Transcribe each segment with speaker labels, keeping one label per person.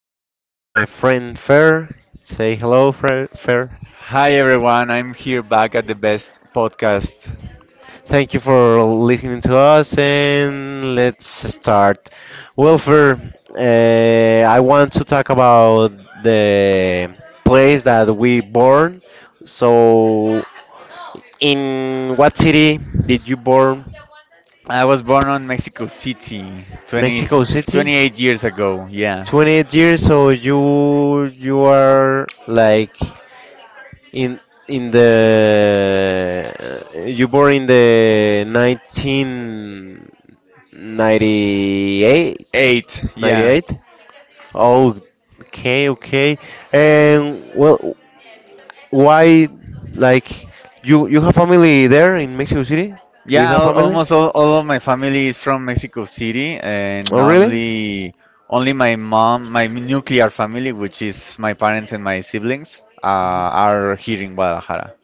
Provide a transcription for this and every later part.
Speaker 1: I am here with my friend Fer. Say hello, Fer.
Speaker 2: Hi everyone, I'm here back at the best podcast.
Speaker 1: Thank you for listening to us and let's start. Well, Fer, I want to talk about the place that we born. So, in what city did you born?
Speaker 2: I was born on Mexico City
Speaker 1: Mexico City.
Speaker 2: 28 years ago. Yeah.
Speaker 1: 28 years, so you are like in in the you born in the 1998
Speaker 2: 8.
Speaker 1: 98
Speaker 2: Yeah.
Speaker 1: ninety-eight. Oh, okay, okay. And well, why, like, you have family there in Mexico City. Do you
Speaker 2: Yeah,
Speaker 1: have family?
Speaker 2: almost all of my family is from Mexico City, and
Speaker 1: Oh, really?
Speaker 2: only my mom, my nuclear family, which is my parents and my siblings, are here in Guadalajara.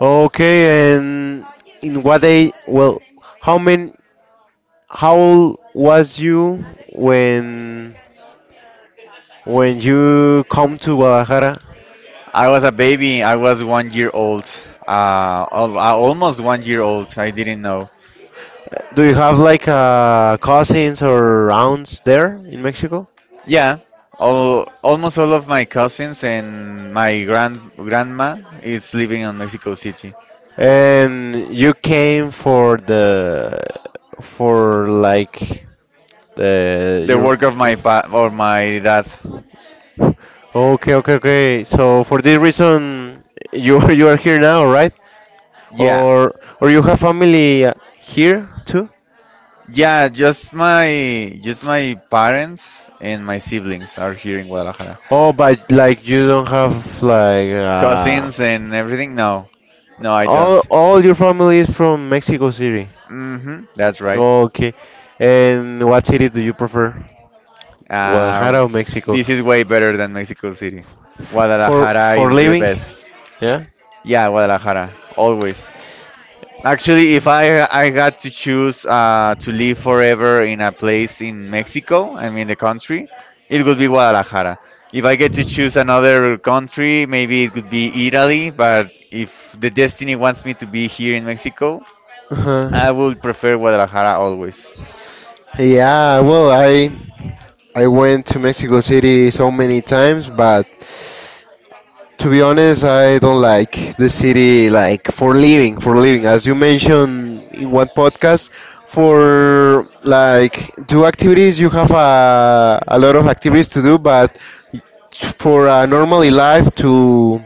Speaker 1: Okay. And in what day, well, how many, how old was you when when you come to Guadalajara?
Speaker 2: I was a baby. I was 1 year old. Almost 1 year old. I didn't know.
Speaker 1: Do you have like cousins or aunts there in Mexico?
Speaker 2: Yeah, almost all of my cousins and my grandma is living in Mexico City.
Speaker 1: And you came for the, for like the
Speaker 2: The
Speaker 1: your
Speaker 2: work of my pa or my dad.
Speaker 1: okay, okay, okay. So for this reason, you you are here now, right?
Speaker 2: Yeah,
Speaker 1: Or or you have family here too?
Speaker 2: yeah. Just my parents and my siblings are here in Guadalajara.
Speaker 1: Oh, but like you don't have, like,
Speaker 2: Cousins and everything. No, no, I
Speaker 1: all
Speaker 2: don't.
Speaker 1: all your family is from Mexico City.
Speaker 2: Mm-hmm. That's right.
Speaker 1: Okay, and what city do you prefer? Guadalajara
Speaker 2: Uh,
Speaker 1: or Mexico.
Speaker 2: this is way better than Mexico City.
Speaker 1: For
Speaker 2: Guadalajara
Speaker 1: for
Speaker 2: is the
Speaker 1: living,
Speaker 2: best.
Speaker 1: yeah.
Speaker 2: Yeah, Guadalajara, always. Actually, if I got to choose to live forever in a place in Mexico, I mean the country, it would be Guadalajara. If I get to choose another country, maybe it could be Italy, but if the destiny wants me to be here in Mexico,
Speaker 1: Uh-huh.
Speaker 2: I would prefer Guadalajara always.
Speaker 1: Yeah, well, I went to Mexico City so many times, but to be honest, I don't like the city like for living, for living. As you mentioned in one podcast, for like do activities, you have a lot of activities to do, but for a normally life to,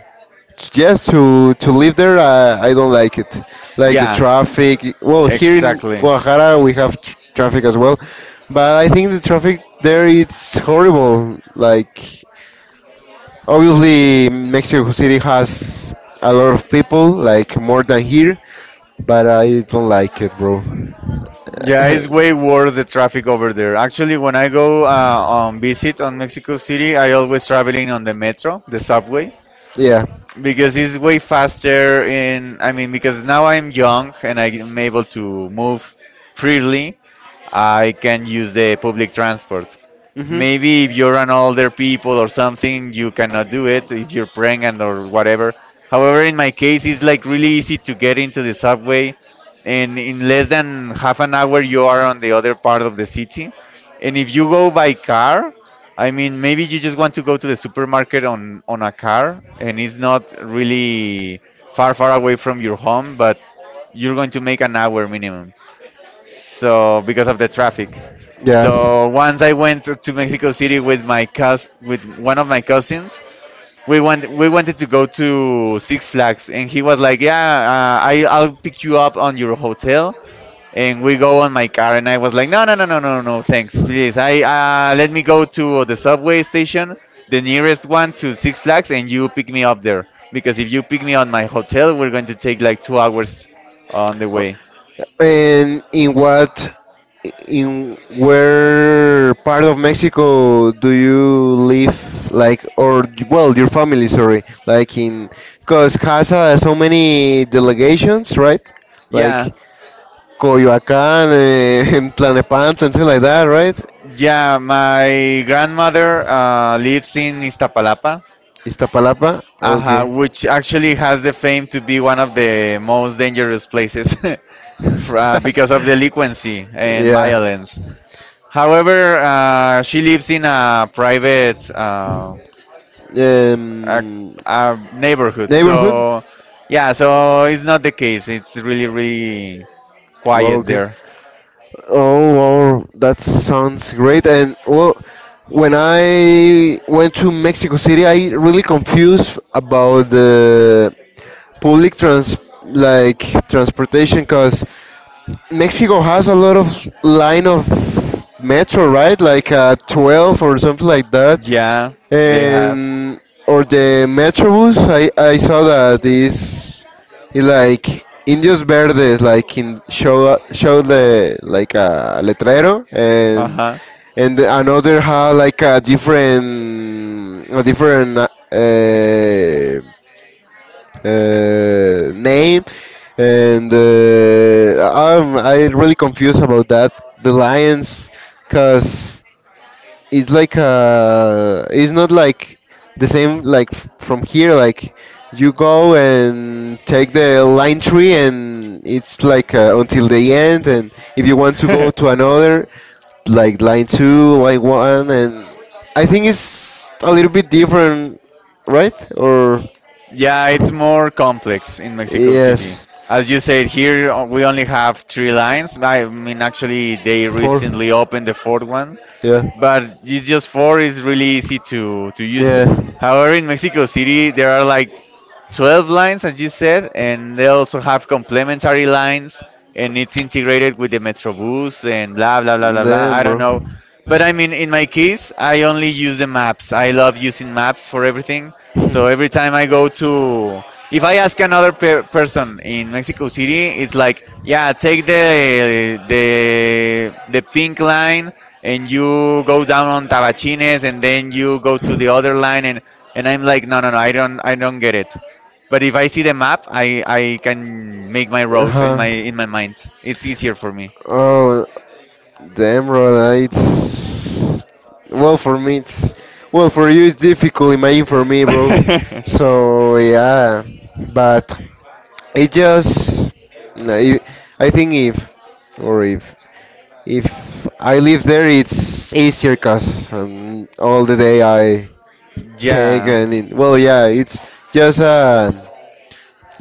Speaker 1: yes, to live there, I don't like it, like the
Speaker 2: Yeah,
Speaker 1: traffic. Well, here in
Speaker 2: exactly.
Speaker 1: Guadalajara we have traffic as well, but I think the traffic there it's horrible, like obviously Mexico City has a lot of people, like more than here, but I don't like it, bro.
Speaker 2: Yeah, it's way worse the traffic over there. Actually, when I go on visit on Mexico City, I always traveling on the metro, the subway,
Speaker 1: Yeah.
Speaker 2: because it's way faster. In I mean, because now I'm young and I'm able to move freely. I can use the public transport.
Speaker 1: Hmm.
Speaker 2: Maybe if you're an older people or something, you cannot do it. If you're pregnant or whatever, however in my case it's like really easy to get into the subway, and in less than half an hour you are on the other part of the city. And if you go by car, I mean, maybe you just want to go to the supermarket on a car and it's not really far far away from your home, but you're going to make an hour minimum, so because of the traffic.
Speaker 1: Yes.
Speaker 2: So once I went to Mexico City with my cous with one of my cousins. We went we wanted to go to Six Flags, and he was like, "Yeah, I'll pick you up on your hotel." And we go on my car, and I was like, "No, no, no, no, no, no, thanks, please. I let me go to the subway station, the nearest one to Six Flags, and you pick me up there. Because if you pick me on my hotel, we're going to take like 2 hours on the way."
Speaker 1: Oh, and in where part of Mexico do you live? Like, or, well, your family, sorry. Like, in, because has so many delegations, right?
Speaker 2: Yeah,
Speaker 1: Like Coyoacán, in Tlanepantla, and something like that, right?
Speaker 2: yeah, my grandmother lives in Iztapalapa,
Speaker 1: Iztapalapa? Okay.
Speaker 2: which actually has the fame to be one of the most dangerous places because of delinquency and
Speaker 1: Yeah.
Speaker 2: violence. However, she lives in a private a,
Speaker 1: Um,
Speaker 2: a neighborhood,
Speaker 1: Neighborhood?
Speaker 2: so yeah, so it's not the case. It's really, really quiet
Speaker 1: Okay.
Speaker 2: there.
Speaker 1: Oh, wow, that sounds great. And well, when I went to Mexico City, I really confused about the public transportation, cause Mexico has a lot of line of metro, right? Like 12 or something like that.
Speaker 2: Yeah,
Speaker 1: And or the metrobus. I saw that is it like Indios Verdes like in show the, like, a letrero, and
Speaker 2: huh.
Speaker 1: and another had like a different uh, name, and I really confused about that. The Lions, cause it's like a, it's not like the same, like from here, like you go and take the line tree and it's like until the end, and if you want to go to another, like, line 2, line 1, and I think it's a little bit different, right? Or
Speaker 2: Yeah, it's more complex in Mexico City.
Speaker 1: yes.
Speaker 2: As you said, here we only have three lines. I mean, actually, they
Speaker 1: Four.
Speaker 2: recently opened the fourth one,
Speaker 1: Yeah.
Speaker 2: but it's just four is really easy to use
Speaker 1: Yeah.
Speaker 2: it. However, in Mexico City, there are like 12 lines, as you said, and they also have complementary lines, and it's integrated with the Metrobus and blah blah blah blah blah.
Speaker 1: Damn,
Speaker 2: I don't
Speaker 1: bro.
Speaker 2: know, but I mean, in my case, I only use the maps. I love using maps for everything. So every time I if I ask another person in Mexico City, it's like, yeah, take the pink line and you go down on Tabachines and then you go to the other line, and I'm like, no, no, no, I don't get it. But if I see the map, I can make my route in my mind. It's easier for me.
Speaker 1: Oh, the Emerald. It's well for me. It's well for you. It's difficult. Imagine for me, bro. So yeah, but it just, no, I think if or if if I live there, it's easier, cause all the day I take,
Speaker 2: Yeah.
Speaker 1: and it, well, yeah, it's just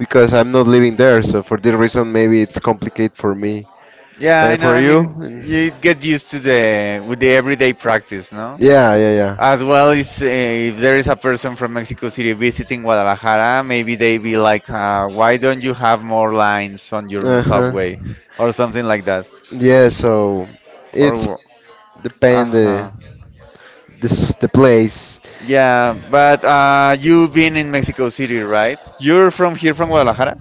Speaker 1: because I'm not living there. So for that reason, maybe it's complicated for me.
Speaker 2: Yeah, I
Speaker 1: And
Speaker 2: know.
Speaker 1: for
Speaker 2: I
Speaker 1: you?
Speaker 2: mean, you get used to the with the everyday practice, no?
Speaker 1: Yeah, yeah,
Speaker 2: As well
Speaker 1: yeah.
Speaker 2: as if there is a person from Mexico City visiting Guadalajara, maybe they be like, "Why don't you have more lines on your
Speaker 1: Uh huh.
Speaker 2: subway?" or something like that.
Speaker 1: Yeah, so it's
Speaker 2: Or,
Speaker 1: depend
Speaker 2: uh-huh.
Speaker 1: the place.
Speaker 2: Yeah, but you've been in Mexico City, right? You're from here, from Guadalajara?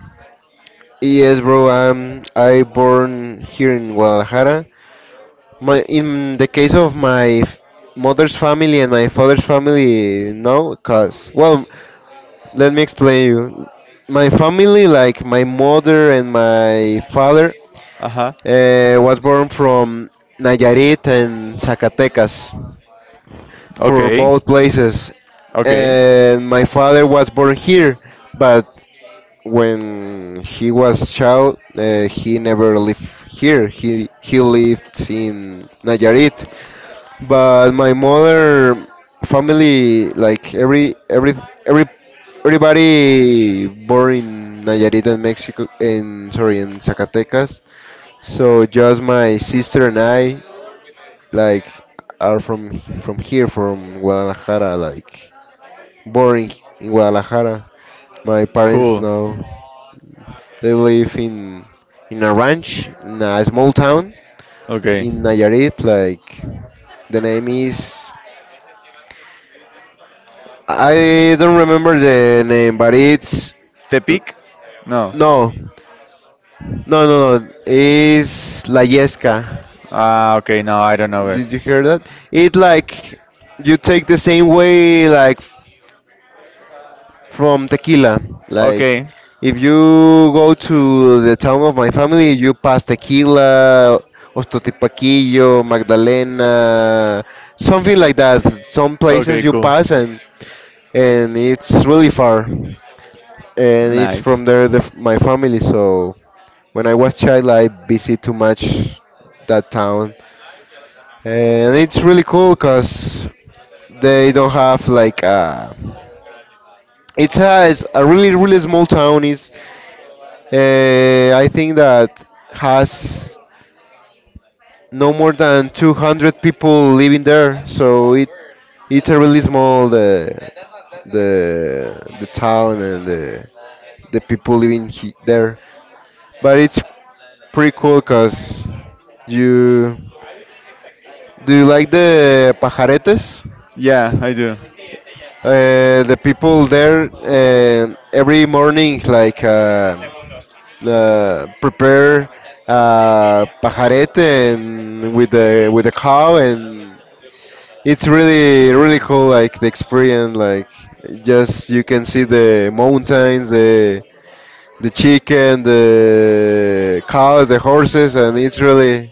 Speaker 1: Yes, bro. I born here in Guadalajara. My In the case of my mother's family and my father's family, no, cause, well, let me explain you. My family, like my mother and my father,
Speaker 2: Uh-huh.
Speaker 1: was born from Nayarit and Zacatecas, for
Speaker 2: Okay.
Speaker 1: both places.
Speaker 2: Okay.
Speaker 1: And my father was born here, but when he was child, he never lived here. He lived in Nayarit, but my mother family, like every everybody born in Nayarit and Mexico, in, sorry, in Zacatecas. So just my sister and I, like, are from here, from Guadalajara, like
Speaker 2: Boring.
Speaker 1: born in
Speaker 2: Like,
Speaker 1: Guadalajara.
Speaker 2: like
Speaker 1: My
Speaker 2: Margarita.
Speaker 1: parents
Speaker 2: Cool.
Speaker 1: now, they live in a ranch in a small town
Speaker 2: Okay.
Speaker 1: in Nayarit. Like, the name is, I don't remember the name, but it's,
Speaker 2: Stepik? No. No.
Speaker 1: no, no, no, no. It's La Yesca.
Speaker 2: Ah, okay. No, I don't know it.
Speaker 1: Did you hear that? It like, you take the same way like from tequila. Like,
Speaker 2: Okay,
Speaker 1: if you go to the town of my family, you pass tequila, Ostotipaquillo, Magdalena, something like
Speaker 2: like that.
Speaker 1: that.
Speaker 2: Some
Speaker 1: Some
Speaker 2: places. Okay,
Speaker 1: places
Speaker 2: in
Speaker 1: you
Speaker 2: cool France
Speaker 1: pass,
Speaker 2: and
Speaker 1: and it's really far. And
Speaker 2: from
Speaker 1: it's
Speaker 2: Nice.
Speaker 1: from there
Speaker 2: The
Speaker 1: the, my family. So when I was child, I visit too much that town, and it's really cool because they don't have like a. It's a, it's a really really small town. Is I think that has no more than 200 people living there. So it's a really small, the the town, and the people living there. But it's pretty cool, cause you do you like the pajaretes?
Speaker 2: Yeah, I do.
Speaker 1: The people there every morning, like, prepare pajarete and with the cow, and it's really really cool, like the experience, like just you can see the mountains, the chicken, the cows, the horses, and it's really,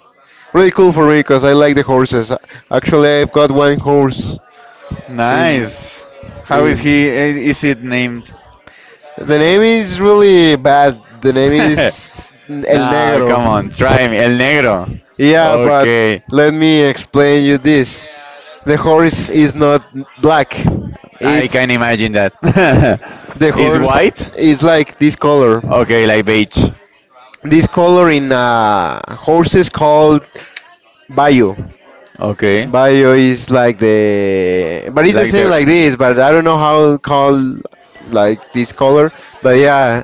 Speaker 1: really cool for me because I like the horses. Actually, I've got one horse in
Speaker 2: Nice. How is
Speaker 1: in.
Speaker 2: he? Is it named?
Speaker 1: The
Speaker 2: The
Speaker 1: name
Speaker 2: name is
Speaker 1: is
Speaker 2: really
Speaker 1: really
Speaker 2: bad.
Speaker 1: bad. The
Speaker 2: The
Speaker 1: name
Speaker 2: name is
Speaker 1: is El
Speaker 2: no,
Speaker 1: Negro.
Speaker 2: come on. Try me. El Negro. Yeah,
Speaker 1: Yeah,
Speaker 2: but
Speaker 1: but
Speaker 2: okay,
Speaker 1: let
Speaker 2: let
Speaker 1: me
Speaker 2: me.
Speaker 1: explain you this. The horse is not black.
Speaker 2: I can
Speaker 1: It's
Speaker 2: imagine that.
Speaker 1: The
Speaker 2: The It's horse
Speaker 1: horse
Speaker 2: white? Is
Speaker 1: is like this color.
Speaker 2: okay, like beige.
Speaker 1: This color in horses called Bayo.
Speaker 2: Okay.
Speaker 1: Bio is like the, but it's the
Speaker 2: Like
Speaker 1: same
Speaker 2: the
Speaker 1: like
Speaker 2: just
Speaker 1: this, but I don't know how called like this color. But yeah,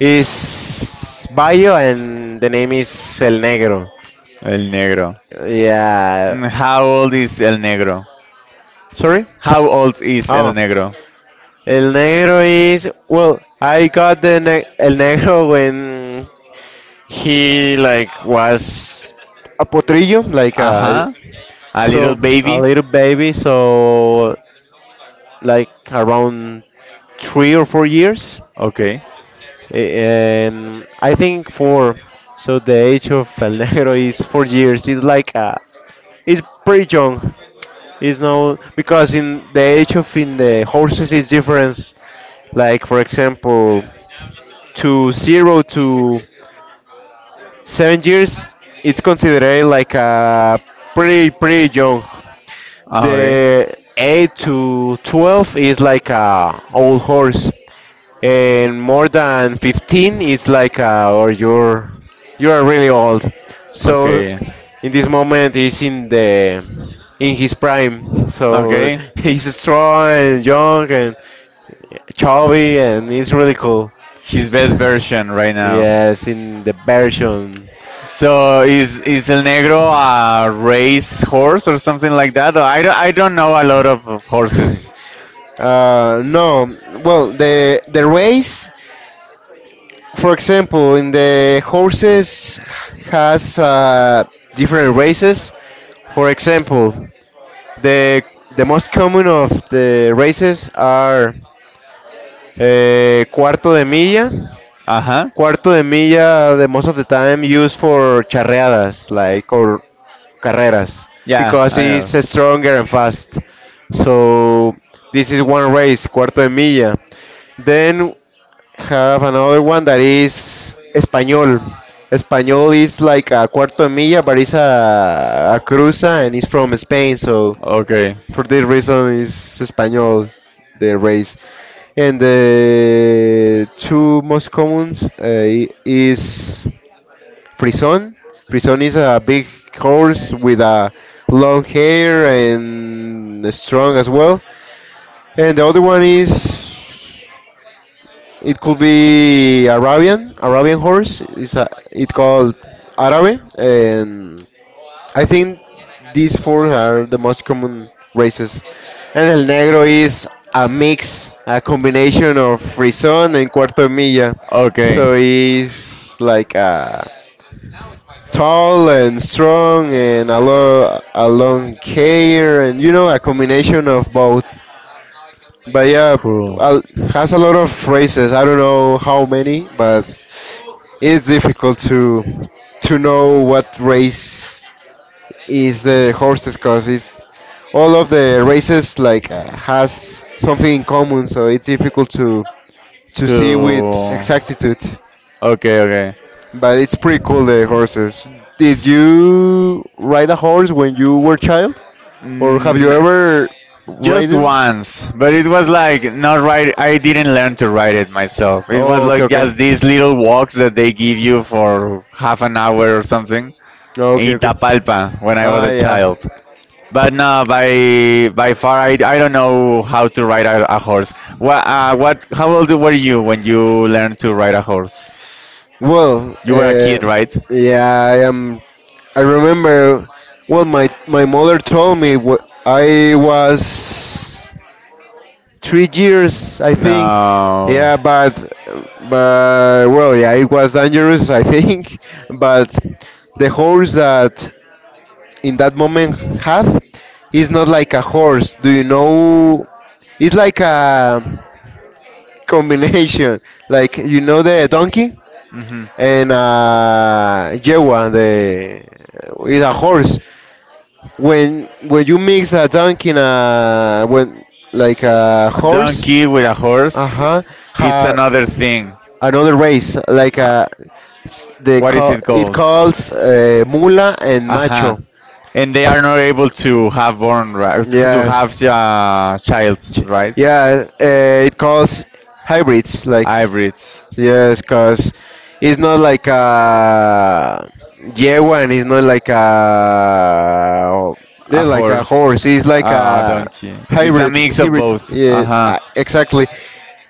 Speaker 1: is Bio and the name is El Negro.
Speaker 2: El Negro.
Speaker 1: Yeah.
Speaker 2: Mm.
Speaker 1: Sorry.
Speaker 2: How old is El
Speaker 1: Oh,
Speaker 2: Negro?
Speaker 1: El Negro is, well, I got El Negro when he, like, was a potrillo, like a,
Speaker 2: Uh-huh. A little
Speaker 1: so a
Speaker 2: baby?
Speaker 1: little baby. So like around 3 or 4 years.
Speaker 2: Okay.
Speaker 1: And I think four. So the age of El Negro is 4 years. It's pretty young. It's no because in the age of, in the horses, is difference. Like for example, to 0 to 7 years, it's considered like a pretty pretty young.
Speaker 2: Ah, okay.
Speaker 1: The 8 to 12 is like a old horse. And more than 15 it's like or you are really old. So
Speaker 2: Okay.
Speaker 1: in this moment he's in his prime, so
Speaker 2: Okay.
Speaker 1: he's strong and young and chubby, and it's really cool.
Speaker 2: His best version right now. Yeah,
Speaker 1: Yes, in the version.
Speaker 2: so is El Negro a race horse or something like that? I don't know a lot of horses.
Speaker 1: No. Well, the race, for example, in the horses has different races. For example, The the most common of the races are cuarto de milla.
Speaker 2: Uh-huh.
Speaker 1: Cuarto de milla, the most of the time used for charreadas, like, or carreras,
Speaker 2: Yeah,
Speaker 1: because
Speaker 2: I know.
Speaker 1: it's stronger and fast. So this is one race, cuarto de milla. Then have another one that is español. Español is like a cuarto de milla, but it's a cruza, and it's from Spain, so
Speaker 2: Okay.
Speaker 1: for this reason, is Espanol the race, and the two most commons is Frison. Frison is a big horse with a long hair and strong as well. And the other one is, it could be Arabian horse. It called Arabe, and I think these four are the most common races. And El Negro is a mix, a combination of Frisón and Cuarto de Milla.
Speaker 2: Okay.
Speaker 1: So he's like tall and strong, and a long hair, and, you know, a combination of both. But yeah,
Speaker 2: Cool.
Speaker 1: al- has a lot of races. I don't know how many, but it's difficult to know what race is the horses, because it's all of the races, like, has something in common, so it's difficult to see with
Speaker 2: To
Speaker 1: exactitude,
Speaker 2: okay, okay.
Speaker 1: but it's pretty cool the horses. Did
Speaker 2: S-
Speaker 1: you ride a horse when you were child,
Speaker 2: have you
Speaker 1: or have you
Speaker 2: Mm,
Speaker 1: ever
Speaker 2: just
Speaker 1: ridden?
Speaker 2: once, but it was like not right. I didn't learn to ride it myself. It was
Speaker 1: Oh, okay,
Speaker 2: like just
Speaker 1: okay.
Speaker 2: these little walks that they give you for half an hour or something
Speaker 1: Oh, okay,
Speaker 2: in
Speaker 1: okay.
Speaker 2: Tapalpa when I was
Speaker 1: Ah,
Speaker 2: a
Speaker 1: yeah.
Speaker 2: child. But no, by far, I don't know how to ride a horse. What what? How old were you when you learned to ride a horse?
Speaker 1: Well,
Speaker 2: You were a kid, right?
Speaker 1: yeah, I remember, well, my mother told me, I was 3 years, I think. Yeah,
Speaker 2: No.
Speaker 1: but well, yeah, it was dangerous, I think. But the horse that in that moment had is not like a horse. Do you know? It's like a combination, like, the donkey
Speaker 2: Hmm.
Speaker 1: and yegua, the is a horse. When you mix a donkey and a when like a horse,
Speaker 2: Donkey with a
Speaker 1: uh
Speaker 2: horse,
Speaker 1: huh,
Speaker 2: it's
Speaker 1: ha,
Speaker 2: another thing.
Speaker 1: another race, like
Speaker 2: Uh,
Speaker 1: they
Speaker 2: what is
Speaker 1: call
Speaker 2: it
Speaker 1: it
Speaker 2: called?
Speaker 1: calls mula and
Speaker 2: Aha.
Speaker 1: macho.
Speaker 2: And they are not able to have born, right? To
Speaker 1: Yes.
Speaker 2: have child,
Speaker 1: Ch-
Speaker 2: right?
Speaker 1: yeah, it calls hybrids, like,
Speaker 2: Hybrids.
Speaker 1: yes. Cause it's not like a yegua, and it's not like a,
Speaker 2: A
Speaker 1: yeah, like a
Speaker 2: horse.
Speaker 1: horse. It's like
Speaker 2: Ah, a
Speaker 1: a
Speaker 2: donkey. It's a
Speaker 1: hybrid,
Speaker 2: mix of
Speaker 1: hybrid.
Speaker 2: both.
Speaker 1: Yeah,
Speaker 2: Uh-huh.
Speaker 1: exactly.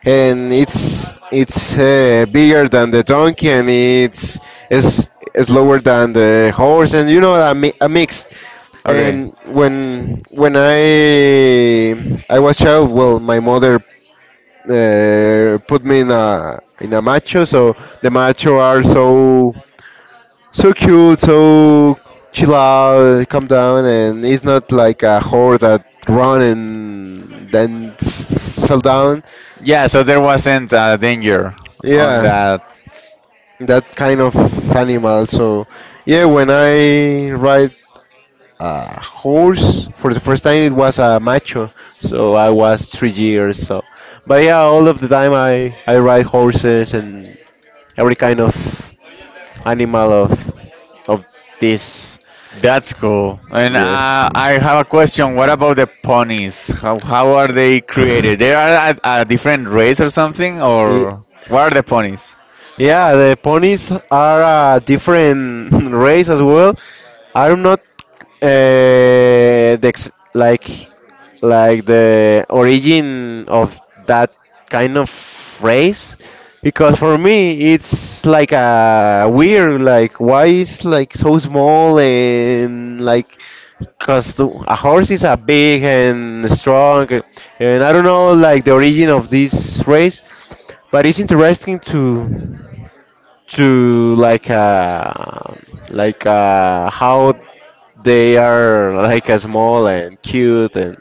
Speaker 1: And it's bigger than the donkey, and it's is slower than the horse, and a, a mix.
Speaker 2: Okay.
Speaker 1: And when I was child, well, my mother put me in a macho. So the macho are so cute, so chill out, calm down, and it's not like a whore that run and then fell down.
Speaker 2: Yeah, so there wasn't danger on
Speaker 1: Yeah,
Speaker 2: that.
Speaker 1: that kind of animal. So yeah, when I ride a horse for the first time, it was a macho. So I was 3 years. But yeah, all of the time I ride horses and every kind of animal of this.
Speaker 2: That's cool. And
Speaker 1: Yes.
Speaker 2: I have a question. What about the ponies? How are they created? They are a different race or something?
Speaker 1: I-
Speaker 2: Or what are the ponies?
Speaker 1: Yeah, the ponies are a different race as well. I'm not the ex- like the origin of that kind of race because for me it's like a weird, like why is like so small, and like because a horse is a big and strong, and I don't know like the origin of this race, but it's interesting to how they are, like small and cute,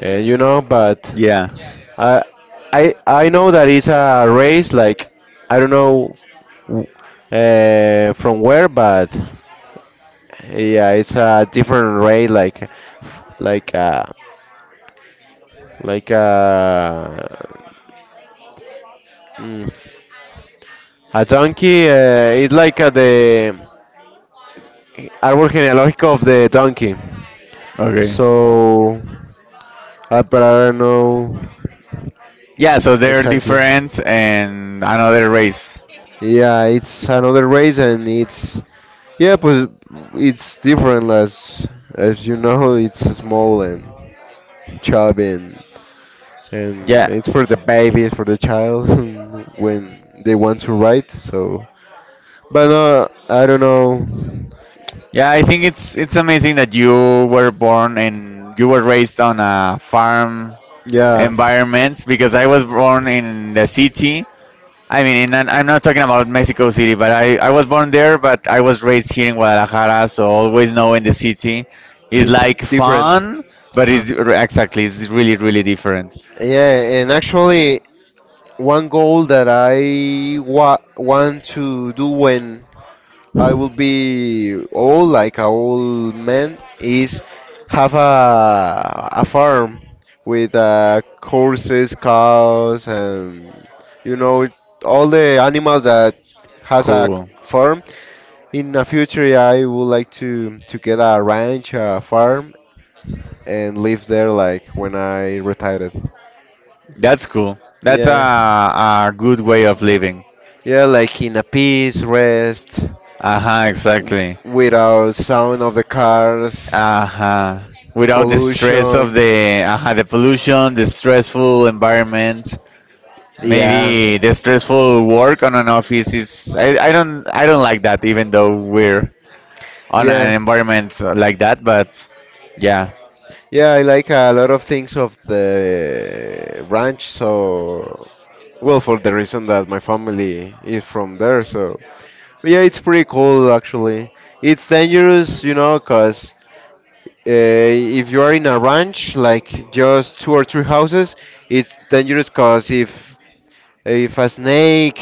Speaker 1: and you know. But
Speaker 2: Yeah.
Speaker 1: i I know that it's a race, like I don't know w- from where, but yeah, it's a different race, like like uh like mm, a donkey, it's like, the árbol genealógico of the donkey.
Speaker 2: Okay.
Speaker 1: So, I, but I don't know
Speaker 2: Yeah, so they're
Speaker 1: exactly.
Speaker 2: different and another race.
Speaker 1: Yeah, it's another race, and it's yeah, but it's different. As you know, it's small and chubby, and
Speaker 2: Yeah.
Speaker 1: it's for the baby, for the child when they want to ride. So, but no, I don't know.
Speaker 2: Yeah, I think it's amazing that you were born and you were raised on a farm
Speaker 1: Yeah,
Speaker 2: environment because I was born in the city. I mean, I'm not talking about Mexico City, but I was born there, but I was raised here in Guadalajara, so always knowing the city is
Speaker 1: it's
Speaker 2: like
Speaker 1: different.
Speaker 2: fun, but
Speaker 1: Uh-huh.
Speaker 2: exactly, it's really really different.
Speaker 1: Yeah, and actually, One goal that want to do when I will be old, like an old man, is have a farm with, horses, cows, and you know all the animals that has a
Speaker 2: Cool.
Speaker 1: farm. In the future, I would like to get a ranch, a farm, and live there like when I retired.
Speaker 2: That's cool. That's a,
Speaker 1: Yeah.
Speaker 2: a good way of living.
Speaker 1: Yeah, like in a peace, rest,
Speaker 2: Uh-huh, exactly.
Speaker 1: without sound of the cars,
Speaker 2: Uh-huh. Without the stress of
Speaker 1: pollution.
Speaker 2: the pollution, the stressful environment.
Speaker 1: Yeah,
Speaker 2: Maybe the stressful work on an office is I don't like that, even though we're on
Speaker 1: yeah,
Speaker 2: an environment like that, but yeah,
Speaker 1: yeah. I like a lot of things of the ranch. So, well, for the reason that my family is from there. So, yeah, it's pretty cool actually. It's dangerous, you know, cause. If you are in a ranch, like just two or three houses, it's dangerous because if a snake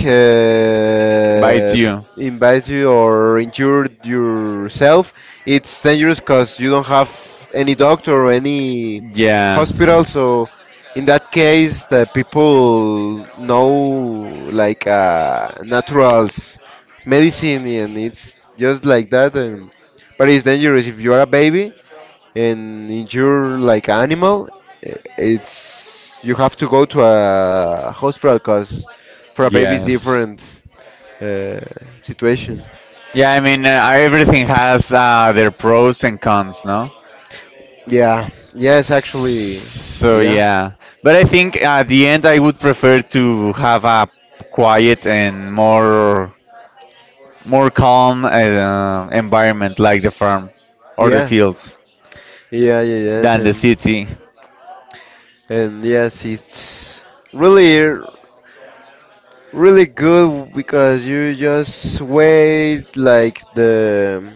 Speaker 2: bites you.
Speaker 1: bites you or injures yourself, it's dangerous because you don't have any doctor or any
Speaker 2: Yeah.
Speaker 1: hospital. So, in that case, the people know like, naturals medicine, and it's just like that. And but it's dangerous if you are a baby and injure like an animal, it's you have to go to a hospital because for a baby it's
Speaker 2: Yes.
Speaker 1: different, uh, situation.
Speaker 2: Yeah, I mean, everything has their pros and cons, no?
Speaker 1: Yeah. Yes, actually.
Speaker 2: So
Speaker 1: Yeah.
Speaker 2: yeah, but I think at the end I would prefer to have a quiet and more calm environment like the farm or the
Speaker 1: Yeah.
Speaker 2: fields
Speaker 1: Yeah. Yeah. Yes.
Speaker 2: than the city.
Speaker 1: And yes, it's really really good because you just wait like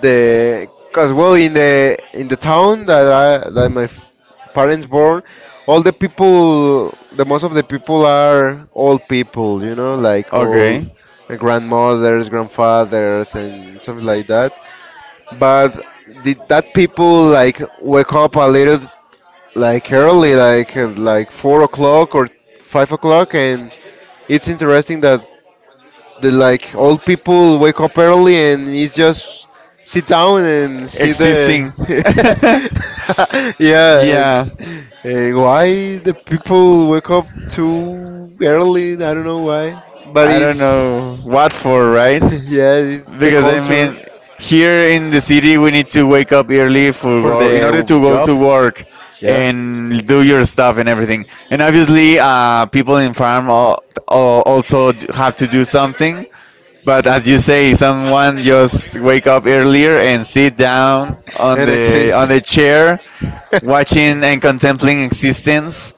Speaker 1: the cause, well, in the town that I that parents born, all the people, the most of the people are old people, you know, like all,
Speaker 2: Okay,
Speaker 1: grandmothers, grandfathers, and something like that. But did that people like wake up a little like early, like 4 o'clock or 5 o'clock, and it's interesting that the like old people wake up early, and it's just sit down and see the
Speaker 2: existing. Yeah,
Speaker 1: yeah. and,
Speaker 2: yeah. why
Speaker 1: and why the people wake up too early, I don't know why, but
Speaker 2: I don't know
Speaker 1: it's
Speaker 2: what for, right?
Speaker 1: yeah, it's the
Speaker 2: Because I
Speaker 1: culture
Speaker 2: mean, here in the city, we need to wake up early for
Speaker 1: for
Speaker 2: go in order to
Speaker 1: the
Speaker 2: go
Speaker 1: job.
Speaker 2: to work
Speaker 1: Yeah,
Speaker 2: and do your stuff and everything. And obviously, people in farm also have to do something. But as you say, someone just wake up earlier and sit down on
Speaker 1: and
Speaker 2: the on
Speaker 1: exist.
Speaker 2: the chair, watching and contemplating existence.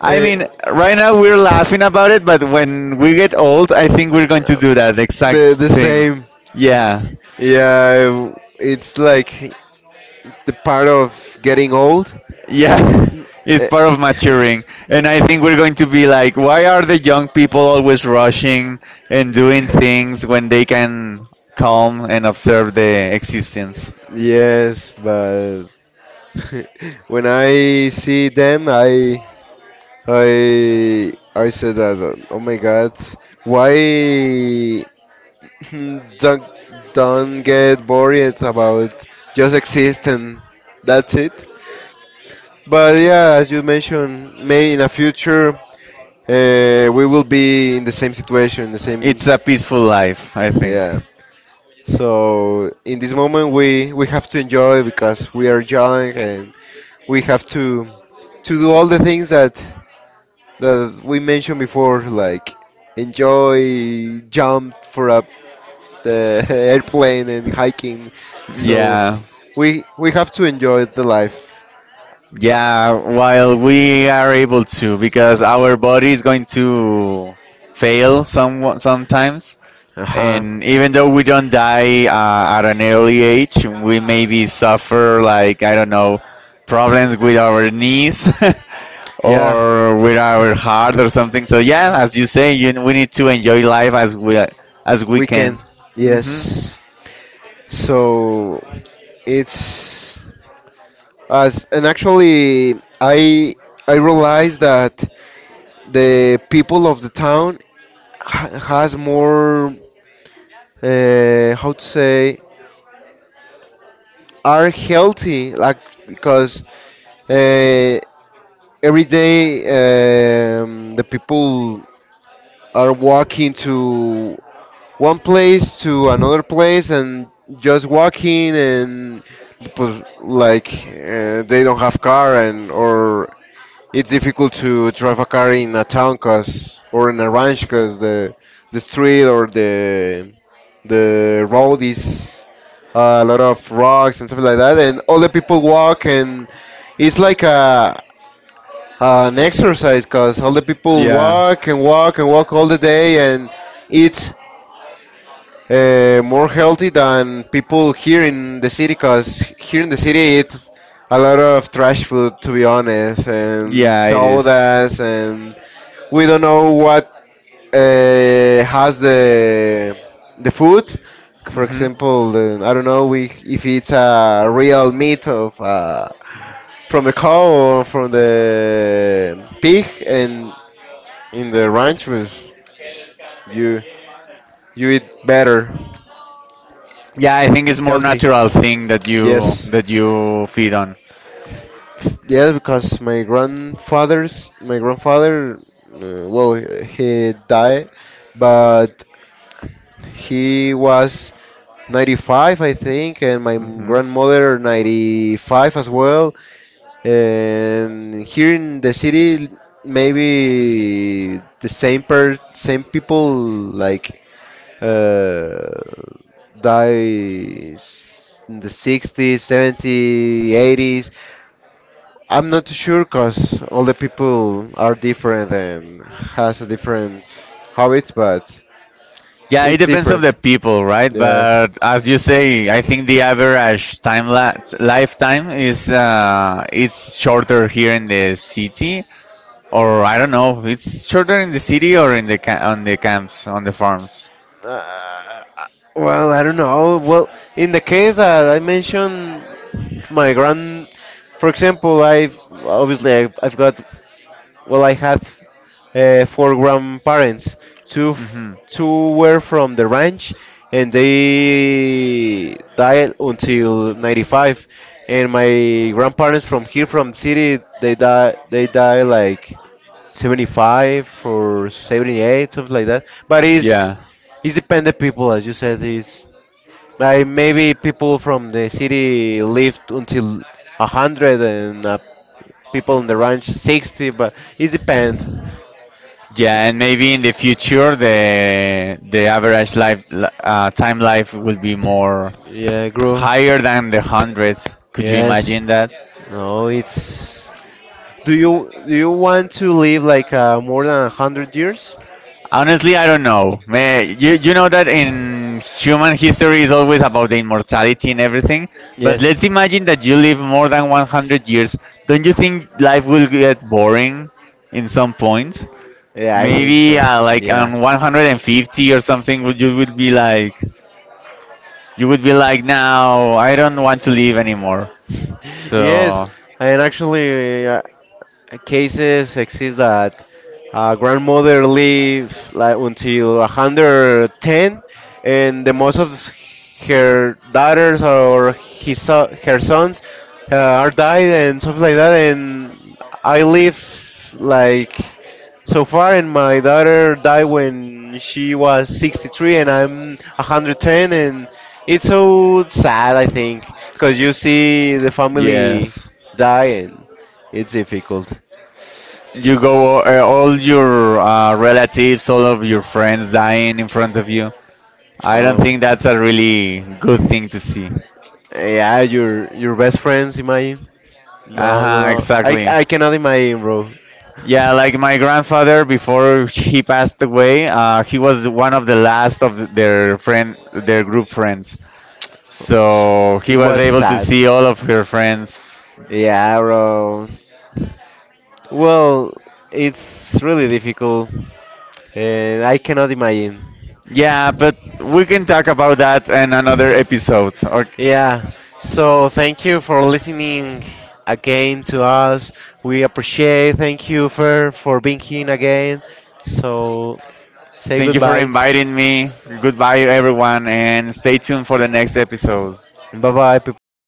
Speaker 2: I
Speaker 1: Eh,
Speaker 2: mean, right now we're laughing about it, but when we get old, I think we're going to do that
Speaker 1: yeah,
Speaker 2: exact
Speaker 1: the
Speaker 2: thing.
Speaker 1: same.
Speaker 2: Yeah.
Speaker 1: Yeah, it's like the part of getting old.
Speaker 2: Yeah.
Speaker 1: Mm,
Speaker 2: It's
Speaker 1: Eh,
Speaker 2: part of maturing. And I think we're going to be like, why are the young people always rushing and doing things when they can calm and observe the existence?
Speaker 1: Yes, but when I see them, I said that. Oh my God, why don't don't get worried about just existing. That's it. But yeah, as you mentioned, may in the future, we will be in the same situation, the same.
Speaker 2: It's a peaceful life, I think.
Speaker 1: Yeah. So in this moment we have to enjoy because we are young, and we have to do all the things that that we mentioned before, like enjoy jump for a the airplane and hiking. So
Speaker 2: Yeah.
Speaker 1: we have to enjoy the life.
Speaker 2: Yeah, while we are able to, because our body is going to fail sometimes,
Speaker 1: Uh huh.
Speaker 2: and even though we don't die at an early age, we maybe suffer like I don't know problems with our knees
Speaker 1: Yeah,
Speaker 2: or with our heart or something. So yeah, as you say, we need to enjoy life as we
Speaker 1: we can.
Speaker 2: can. Hmm.
Speaker 1: Yes. So it's as and actually I realized that the people of the town has more, how to say, are healthy, like because, uh, every day, the people are walking to one place to another place, and just walking, and they don't have car and or it's difficult to drive a car in a town, 'cause- or in a ranch because the street or the road is, a lot of rocks and stuff like that, and all the people walk, and it's like a an exercise because all the people
Speaker 2: Yeah.
Speaker 1: walk and walk and walk all the day, and eat, more healthy than people here in the city because here in the city it's a lot of trash food, to be honest, and
Speaker 2: Yeah, it is.
Speaker 1: sodas. And we don't know what, has the food. For
Speaker 2: Hmm.
Speaker 1: example, the, I don't know, we, if it's a real meat of, from the cow or from the pig, and in the ranch was you you eat better,
Speaker 2: Yeah, I think it's more
Speaker 1: healthy.
Speaker 2: natural thing that you
Speaker 1: Yes,
Speaker 2: that you feed on.
Speaker 1: yes, because my grandfather, well, he died, but he was 95, I think, and my
Speaker 2: Hmm.
Speaker 1: grandmother 95 as well. And here in the city, maybe the same per same people, like, uh, dies in the 60s, 70s, 80s. I'm not sure because all the people are different and has a different habits, but
Speaker 2: Yeah, it
Speaker 1: it's
Speaker 2: depends of the
Speaker 1: different.
Speaker 2: people, right?
Speaker 1: Yes.
Speaker 2: But as you say, I think the average time la lifetime is it's shorter here in the city, or I don't know. It's shorter in the city or in the on the camps on the farms.
Speaker 1: Uh, well, I don't know. Well, in the case that I mentioned, my grand, for example, I obviously I've got. Well, I had, four grandparents.
Speaker 2: Hmm.
Speaker 1: Two were from the ranch, and they died until 95. And my grandparents from here, from the city, they die like 75 or 78, something like that. But it's
Speaker 2: Yeah,
Speaker 1: it's dependent people, as you said. It's like maybe people from the city lived until 100, and, people on the ranch 60. But it depends.
Speaker 2: yeah, and maybe in the future the average time life will be more
Speaker 1: Yeah, grow.
Speaker 2: higher than the hundred. Could you
Speaker 1: Yes.
Speaker 2: imagine that?
Speaker 1: No, it's. Do you want to live like, more than 100 years?
Speaker 2: Honestly, I don't know. You know that in human history is always about the immortality and everything, but
Speaker 1: Yes.
Speaker 2: let's imagine that you live more than 100 years. Don't you think life will get boring in some point?
Speaker 1: Yeah, I think
Speaker 2: Maybe
Speaker 1: so.
Speaker 2: like
Speaker 1: Yeah.
Speaker 2: on 150 or something, would you would be like you would be like, now I don't want to live anymore.
Speaker 1: Yes, and actually, cases exist that a grandmother lives like until 110, and the most of her daughters or her sons, uh, are died and stuff like that, and I live like so far, and my daughter died when she
Speaker 2: So
Speaker 1: was 63, and I'm 110, and it's so sad, I think, because you see the family
Speaker 2: yes.
Speaker 1: die, and it's difficult.
Speaker 2: You go all your relatives, all of your friends dying in front of you. I don't
Speaker 1: Oh,
Speaker 2: think that's a really good thing to see.
Speaker 1: yeah, your best friends, imagine. No, no,
Speaker 2: Uh-huh,
Speaker 1: no. I
Speaker 2: exactly.
Speaker 1: I cannot imagine, bro.
Speaker 2: Yeah, like my grandfather before he passed away, he was one of the last of their group friends. So he
Speaker 1: It
Speaker 2: was
Speaker 1: was
Speaker 2: able to
Speaker 1: sad.
Speaker 2: see all of her friends.
Speaker 1: Yeah, bro. Well, it's really difficult, and I cannot imagine.
Speaker 2: Yeah, but we can talk about that in another episode. Or
Speaker 1: Yeah. So thank you for listening again to us. We appreciate. Thank you for being here again. So say
Speaker 2: Thank you for
Speaker 1: goodbye.
Speaker 2: inviting me. Goodbye, everyone, and stay tuned for the next episode.
Speaker 1: Bye bye, people.